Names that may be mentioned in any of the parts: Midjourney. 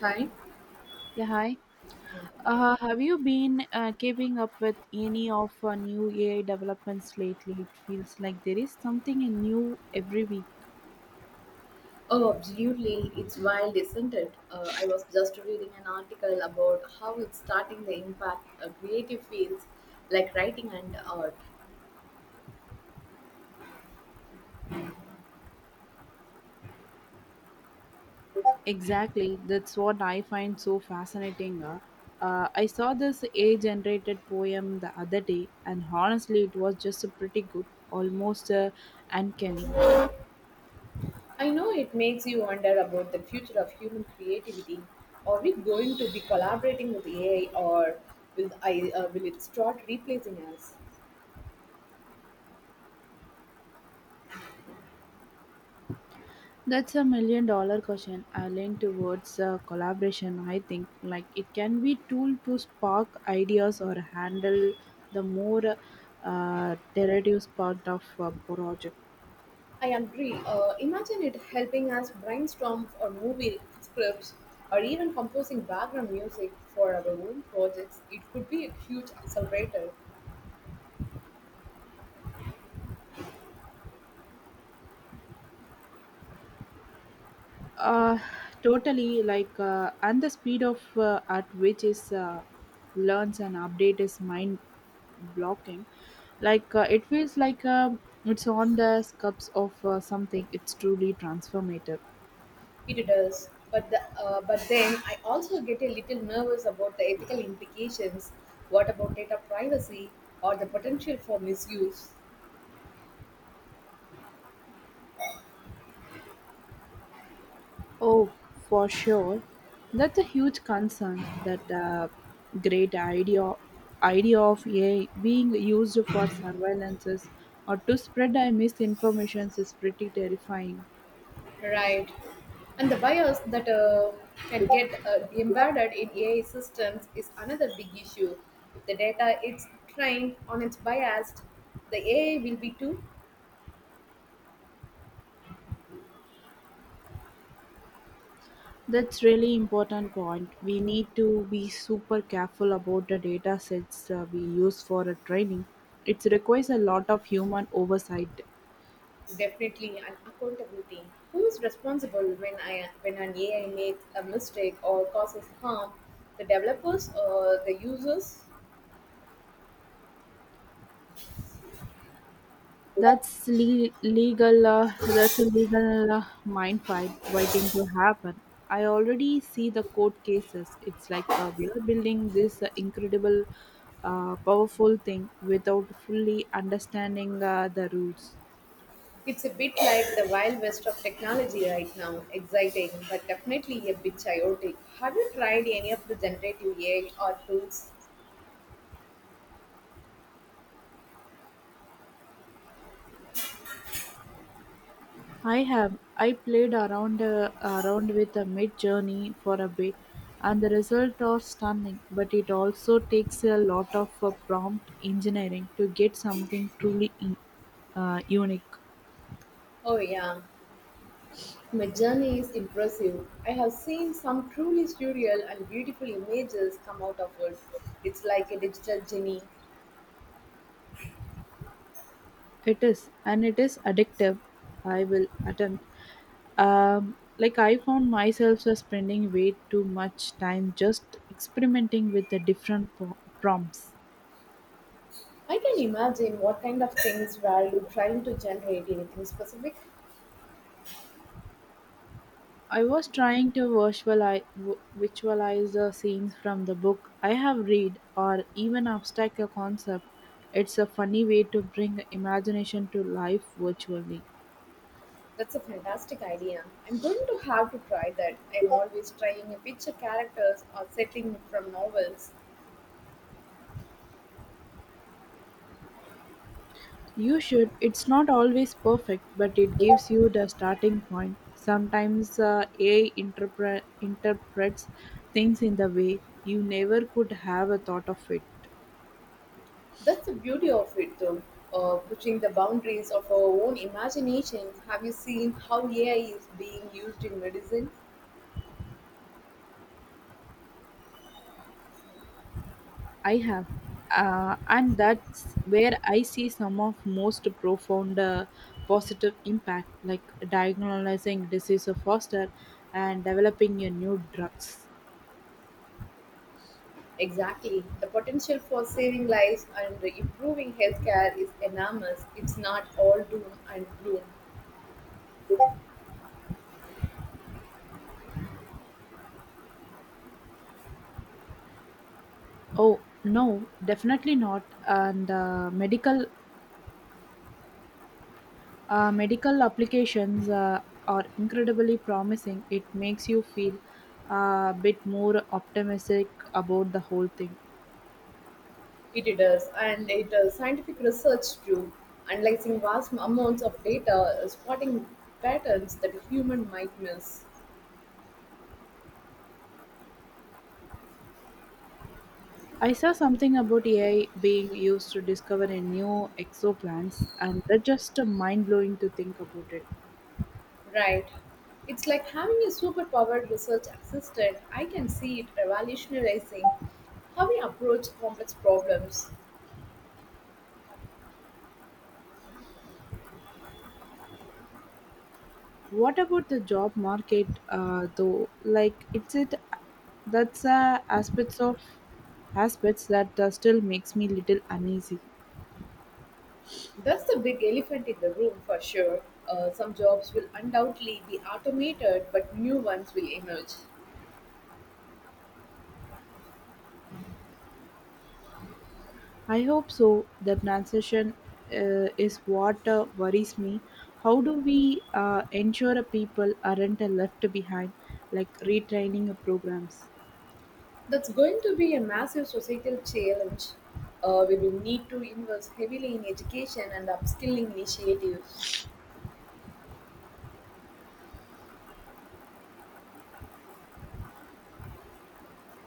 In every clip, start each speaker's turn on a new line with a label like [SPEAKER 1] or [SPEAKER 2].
[SPEAKER 1] Hi.
[SPEAKER 2] Yeah, hi. Have you been keeping up with any of new AI developments lately? It feels like there is something new every week.
[SPEAKER 1] Oh, absolutely. It's wild, isn't it? I was just reading an article about how it's starting the impact of creative fields like writing and art.
[SPEAKER 2] Exactly. That's what I find so fascinating. I saw this AI generated poem the other day, and honestly, it was just a pretty good, almost uncanny.
[SPEAKER 1] I know it makes you wonder about the future of human creativity. Are we going to be collaborating with AI or will it start replacing us?
[SPEAKER 2] That's a million dollar question. I lean towards collaboration. I think like it can be tool to spark ideas or handle the more tedious part of a project.
[SPEAKER 1] I agree. Imagine it helping us brainstorm for movie scripts or even composing background music for our own projects. It could be a huge accelerator.
[SPEAKER 2] Uh, Totally like and the speed of at which is learns and update is mind blocking. Like it feels like it's on the scopes of something. It's truly transformative.
[SPEAKER 1] It does. But but then I also get a little nervous about the ethical implications. What about data privacy or the potential for misuse?
[SPEAKER 2] Oh, for sure. That's a huge concern. That great idea of AI being used for surveillances or to spread a misinformation is pretty terrifying.
[SPEAKER 1] Right. And the bias that can get embedded in AI systems is another big issue. If the data is trained on its biased, the AI will be too
[SPEAKER 2] That's really important point. We need to be super careful about the data sets we use for a training. It requires a lot of human oversight.
[SPEAKER 1] definitely an accountability. Who is responsible when an AI makes a mistake or causes harm? The developers or the users?
[SPEAKER 2] Legal. That's a legal mind fight waiting to happen. I already see the court cases. It's like we are building this incredible, powerful thing without fully understanding the rules.
[SPEAKER 1] It's a bit like the wild west of technology right now, exciting, but definitely a bit chaotic. Have you tried any of the generative AI or tools?
[SPEAKER 2] I played around with a mid journey for a bit, and the results are stunning. But it also takes a lot of prompt engineering to get something truly unique.
[SPEAKER 1] Oh, yeah. My journey is impressive. I have seen some truly surreal and beautiful images come out of it. It's like a digital genie.
[SPEAKER 2] It is, and it is addictive. I will attempt. Like I found myself just spending way too much time just experimenting with the different prompts.
[SPEAKER 1] I can imagine what kind of things were you trying to generate anything specific.
[SPEAKER 2] I was trying to visualize the scenes from the book I have read, or even abstract a concept. It's a funny way to bring imagination to life virtually.
[SPEAKER 1] That's a fantastic idea. I'm going to have to try that. I'm always trying a picture characters or setting from novels.
[SPEAKER 2] You should. It's not always perfect, but it gives you the starting point. Sometimes AI interprets things in the way you never could have a thought of it.
[SPEAKER 1] That's the beauty of it, though, pushing the boundaries of our own imagination. Have you seen how AI is being used in medicine?
[SPEAKER 2] I have. And that's where I see some of most profound positive impact, like diagnosing disease faster and developing a new drugs.
[SPEAKER 1] Exactly. The potential for saving lives and improving healthcare is enormous. It's not all doom and gloom.
[SPEAKER 2] Oh no, definitely not. And medical applications are incredibly promising. It makes you feel a bit more optimistic about the whole thing.
[SPEAKER 1] It does, and it does scientific research too, analyzing vast amounts of data, spotting patterns that a human might miss.
[SPEAKER 2] I saw something about AI being used to discover a new exoplanets, and that's just mind blowing to think about it.
[SPEAKER 1] Right. It's like having a superpowered research assistant. I can see it revolutionizing how we approach complex problems.
[SPEAKER 2] What about the job market, though? Like, it's it that's aspects that still makes me little uneasy.
[SPEAKER 1] That's the big elephant in the room for sure. Some jobs will undoubtedly be automated, but new ones will emerge.
[SPEAKER 2] I hope so. That transition is what worries me. How do we ensure people aren't left behind, like retraining programs?
[SPEAKER 1] That's going to be a massive societal challenge. We will need to invest heavily in education and upskilling initiatives.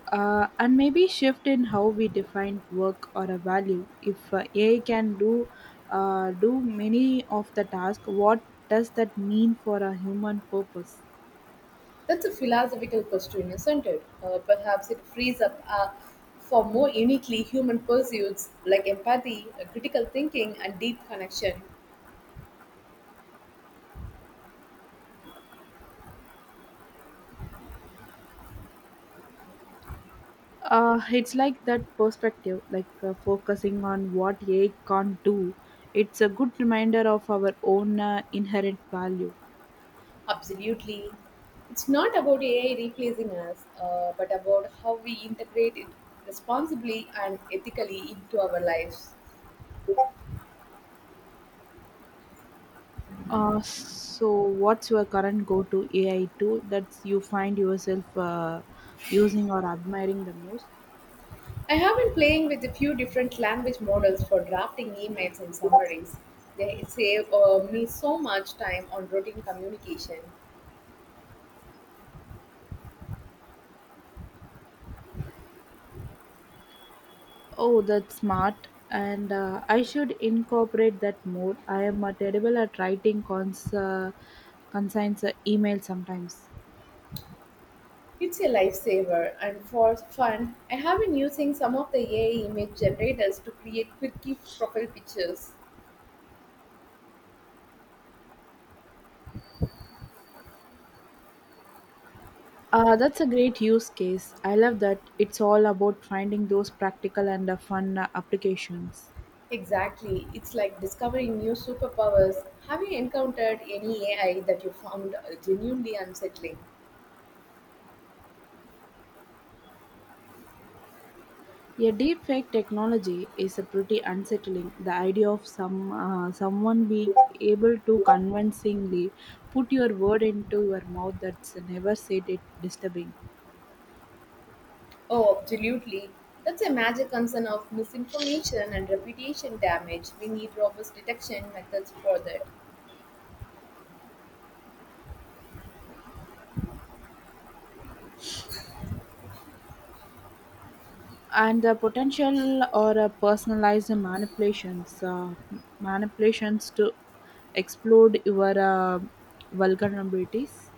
[SPEAKER 2] And maybe shift in how we define work or a value. If AI can do many of the task, what does that mean for a human purpose?
[SPEAKER 1] That's a philosophical question, isn't it? Perhaps it frees up for more uniquely human pursuits like empathy, critical thinking, and deep connection.
[SPEAKER 2] It's like that perspective, like focusing on what AI can't do. It's a good reminder of our own inherent value.
[SPEAKER 1] Absolutely. It's not about AI replacing us, but about how we integrate it responsibly and ethically into our lives.
[SPEAKER 2] So, what's your current go to AI tool that you find yourself using or admiring the most?
[SPEAKER 1] I have been playing with a few different language models for drafting emails and summaries. They save me so much time on routine communication.
[SPEAKER 2] Oh, that's smart. And I should incorporate that more. I am terrible at writing conscience email sometimes.
[SPEAKER 1] It's a lifesaver, and for fun, I have been using some of the AI image generators to create quirky profile pictures.
[SPEAKER 2] That's a great use case. I love that it's all about finding those practical and fun applications.
[SPEAKER 1] Exactly, it's like discovering new superpowers. Have you encountered any AI that you found genuinely unsettling?
[SPEAKER 2] Yeah, deepfake technology is a pretty unsettling. The idea of someone being able to convincingly put your word into your mouth that's never said it disturbing.
[SPEAKER 1] Oh, absolutely. That's a major concern of misinformation and reputation damage. We need robust detection methods for that.
[SPEAKER 2] And the potential or personalized manipulations to explode your vulnerabilities.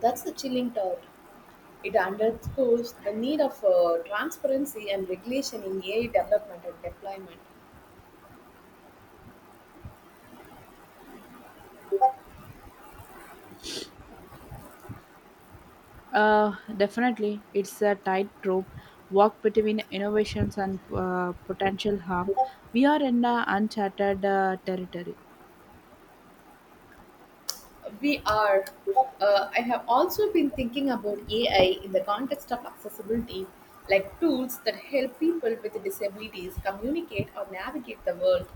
[SPEAKER 1] That's a chilling thought. It underscores the need of transparency and regulation in AI development and deployment.
[SPEAKER 2] Definitely, it's a tightrope walk between innovations and potential harm. We are in uncharted territory.
[SPEAKER 1] We are. I have also been thinking about AI in the context of accessibility, like tools that help people with disabilities communicate or navigate the world.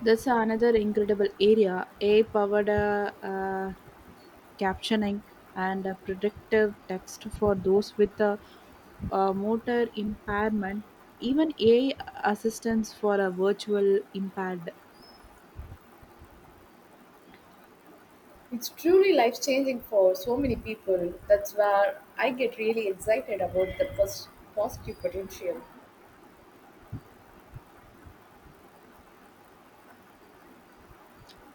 [SPEAKER 2] That's another incredible area. AI powered captioning and predictive text for those with a, motor impairment, even AI assistance for a virtual impaired.
[SPEAKER 1] It's truly life changing for so many people. That's where I get really excited about the positive potential.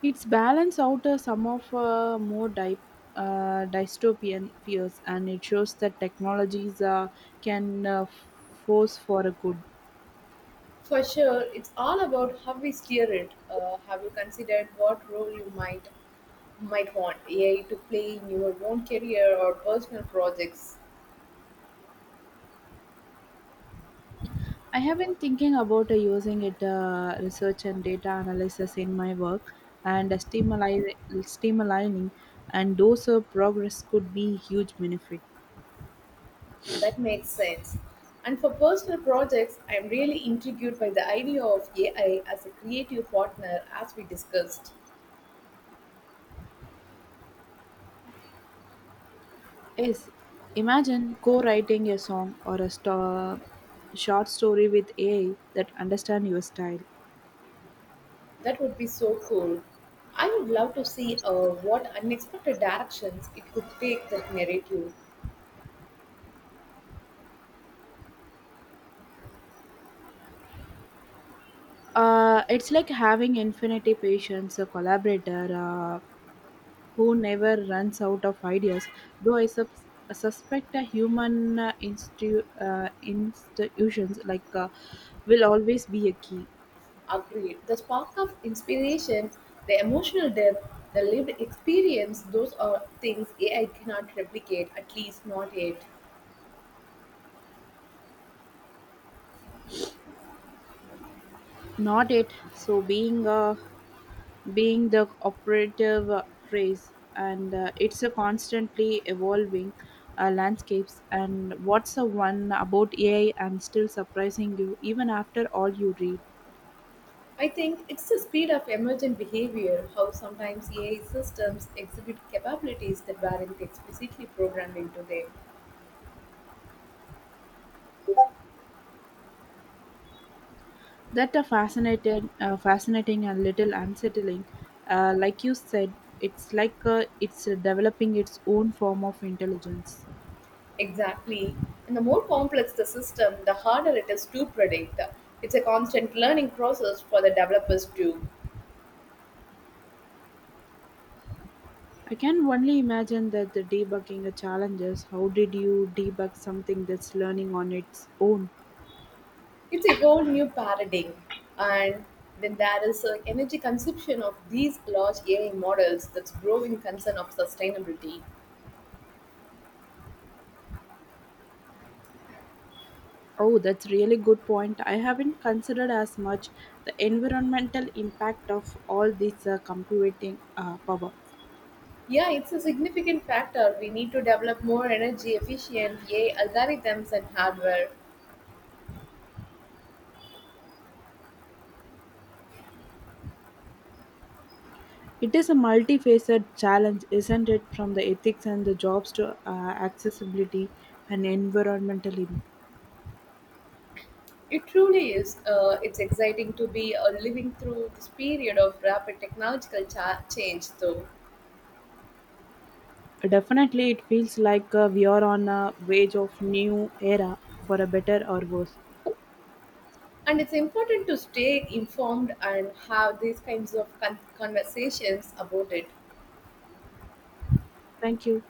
[SPEAKER 2] It's balance out some of more dystopian fears, and it shows that technologies can force for a good.
[SPEAKER 1] For sure, it's all about how we steer it. Have you considered what role you might want AI to play in your own career or personal projects.
[SPEAKER 2] I have been thinking about using it research and data analysis in my work, and stimulating, and those progress could be huge benefit.
[SPEAKER 1] That makes sense. And for personal projects, I am really intrigued by the idea of AI as a creative partner, as we discussed.
[SPEAKER 2] Yes, imagine co-writing a song or a short story with AI that understand your style.
[SPEAKER 1] That would be so cool. I would love to see what unexpected directions it could take that narrative.
[SPEAKER 2] It's like having infinity patience, a collaborator who never runs out of ideas. Though I, sub- I suspect a human institutions like will always be a key.
[SPEAKER 1] Agreed. The spark of inspiration, the emotional depth, the lived experience, those are things AI cannot replicate, at least not yet.
[SPEAKER 2] Not it. So being the operative phrase, and it's a constantly evolving landscapes. And what's the one about AI? And still surprising you even after all you read.
[SPEAKER 1] I think it's the speed of emergent behavior, how sometimes AI systems exhibit capabilities that weren't explicitly programmed into them.
[SPEAKER 2] That are fascinated fascinating and little unsettling like you said, it's like it's developing its own form of intelligence.
[SPEAKER 1] Exactly. And the more complex the system, the harder it is to predict. It's a constant learning process for the developers too.
[SPEAKER 2] I can only imagine that the debugging challenges, how did you debug something that's learning on its own?
[SPEAKER 1] It's a whole new paradigm. And then there is an energy consumption of these large AI models that's growing concern of sustainability.
[SPEAKER 2] Oh, that's really good point. I haven't considered as much the environmental impact of all this computing power.
[SPEAKER 1] Yeah, it's a significant factor. We need to develop more energy efficient AI algorithms and hardware.
[SPEAKER 2] It is a multifaceted challenge, isn't it, from the ethics and the jobs to accessibility and environmental impact.
[SPEAKER 1] It truly is. It's exciting to be living through this period of rapid technological change, though.
[SPEAKER 2] Definitely, it feels like we are on a wage of new era for a better or worse.
[SPEAKER 1] And it's important to stay informed and have these kinds of conversations about it.
[SPEAKER 2] Thank you.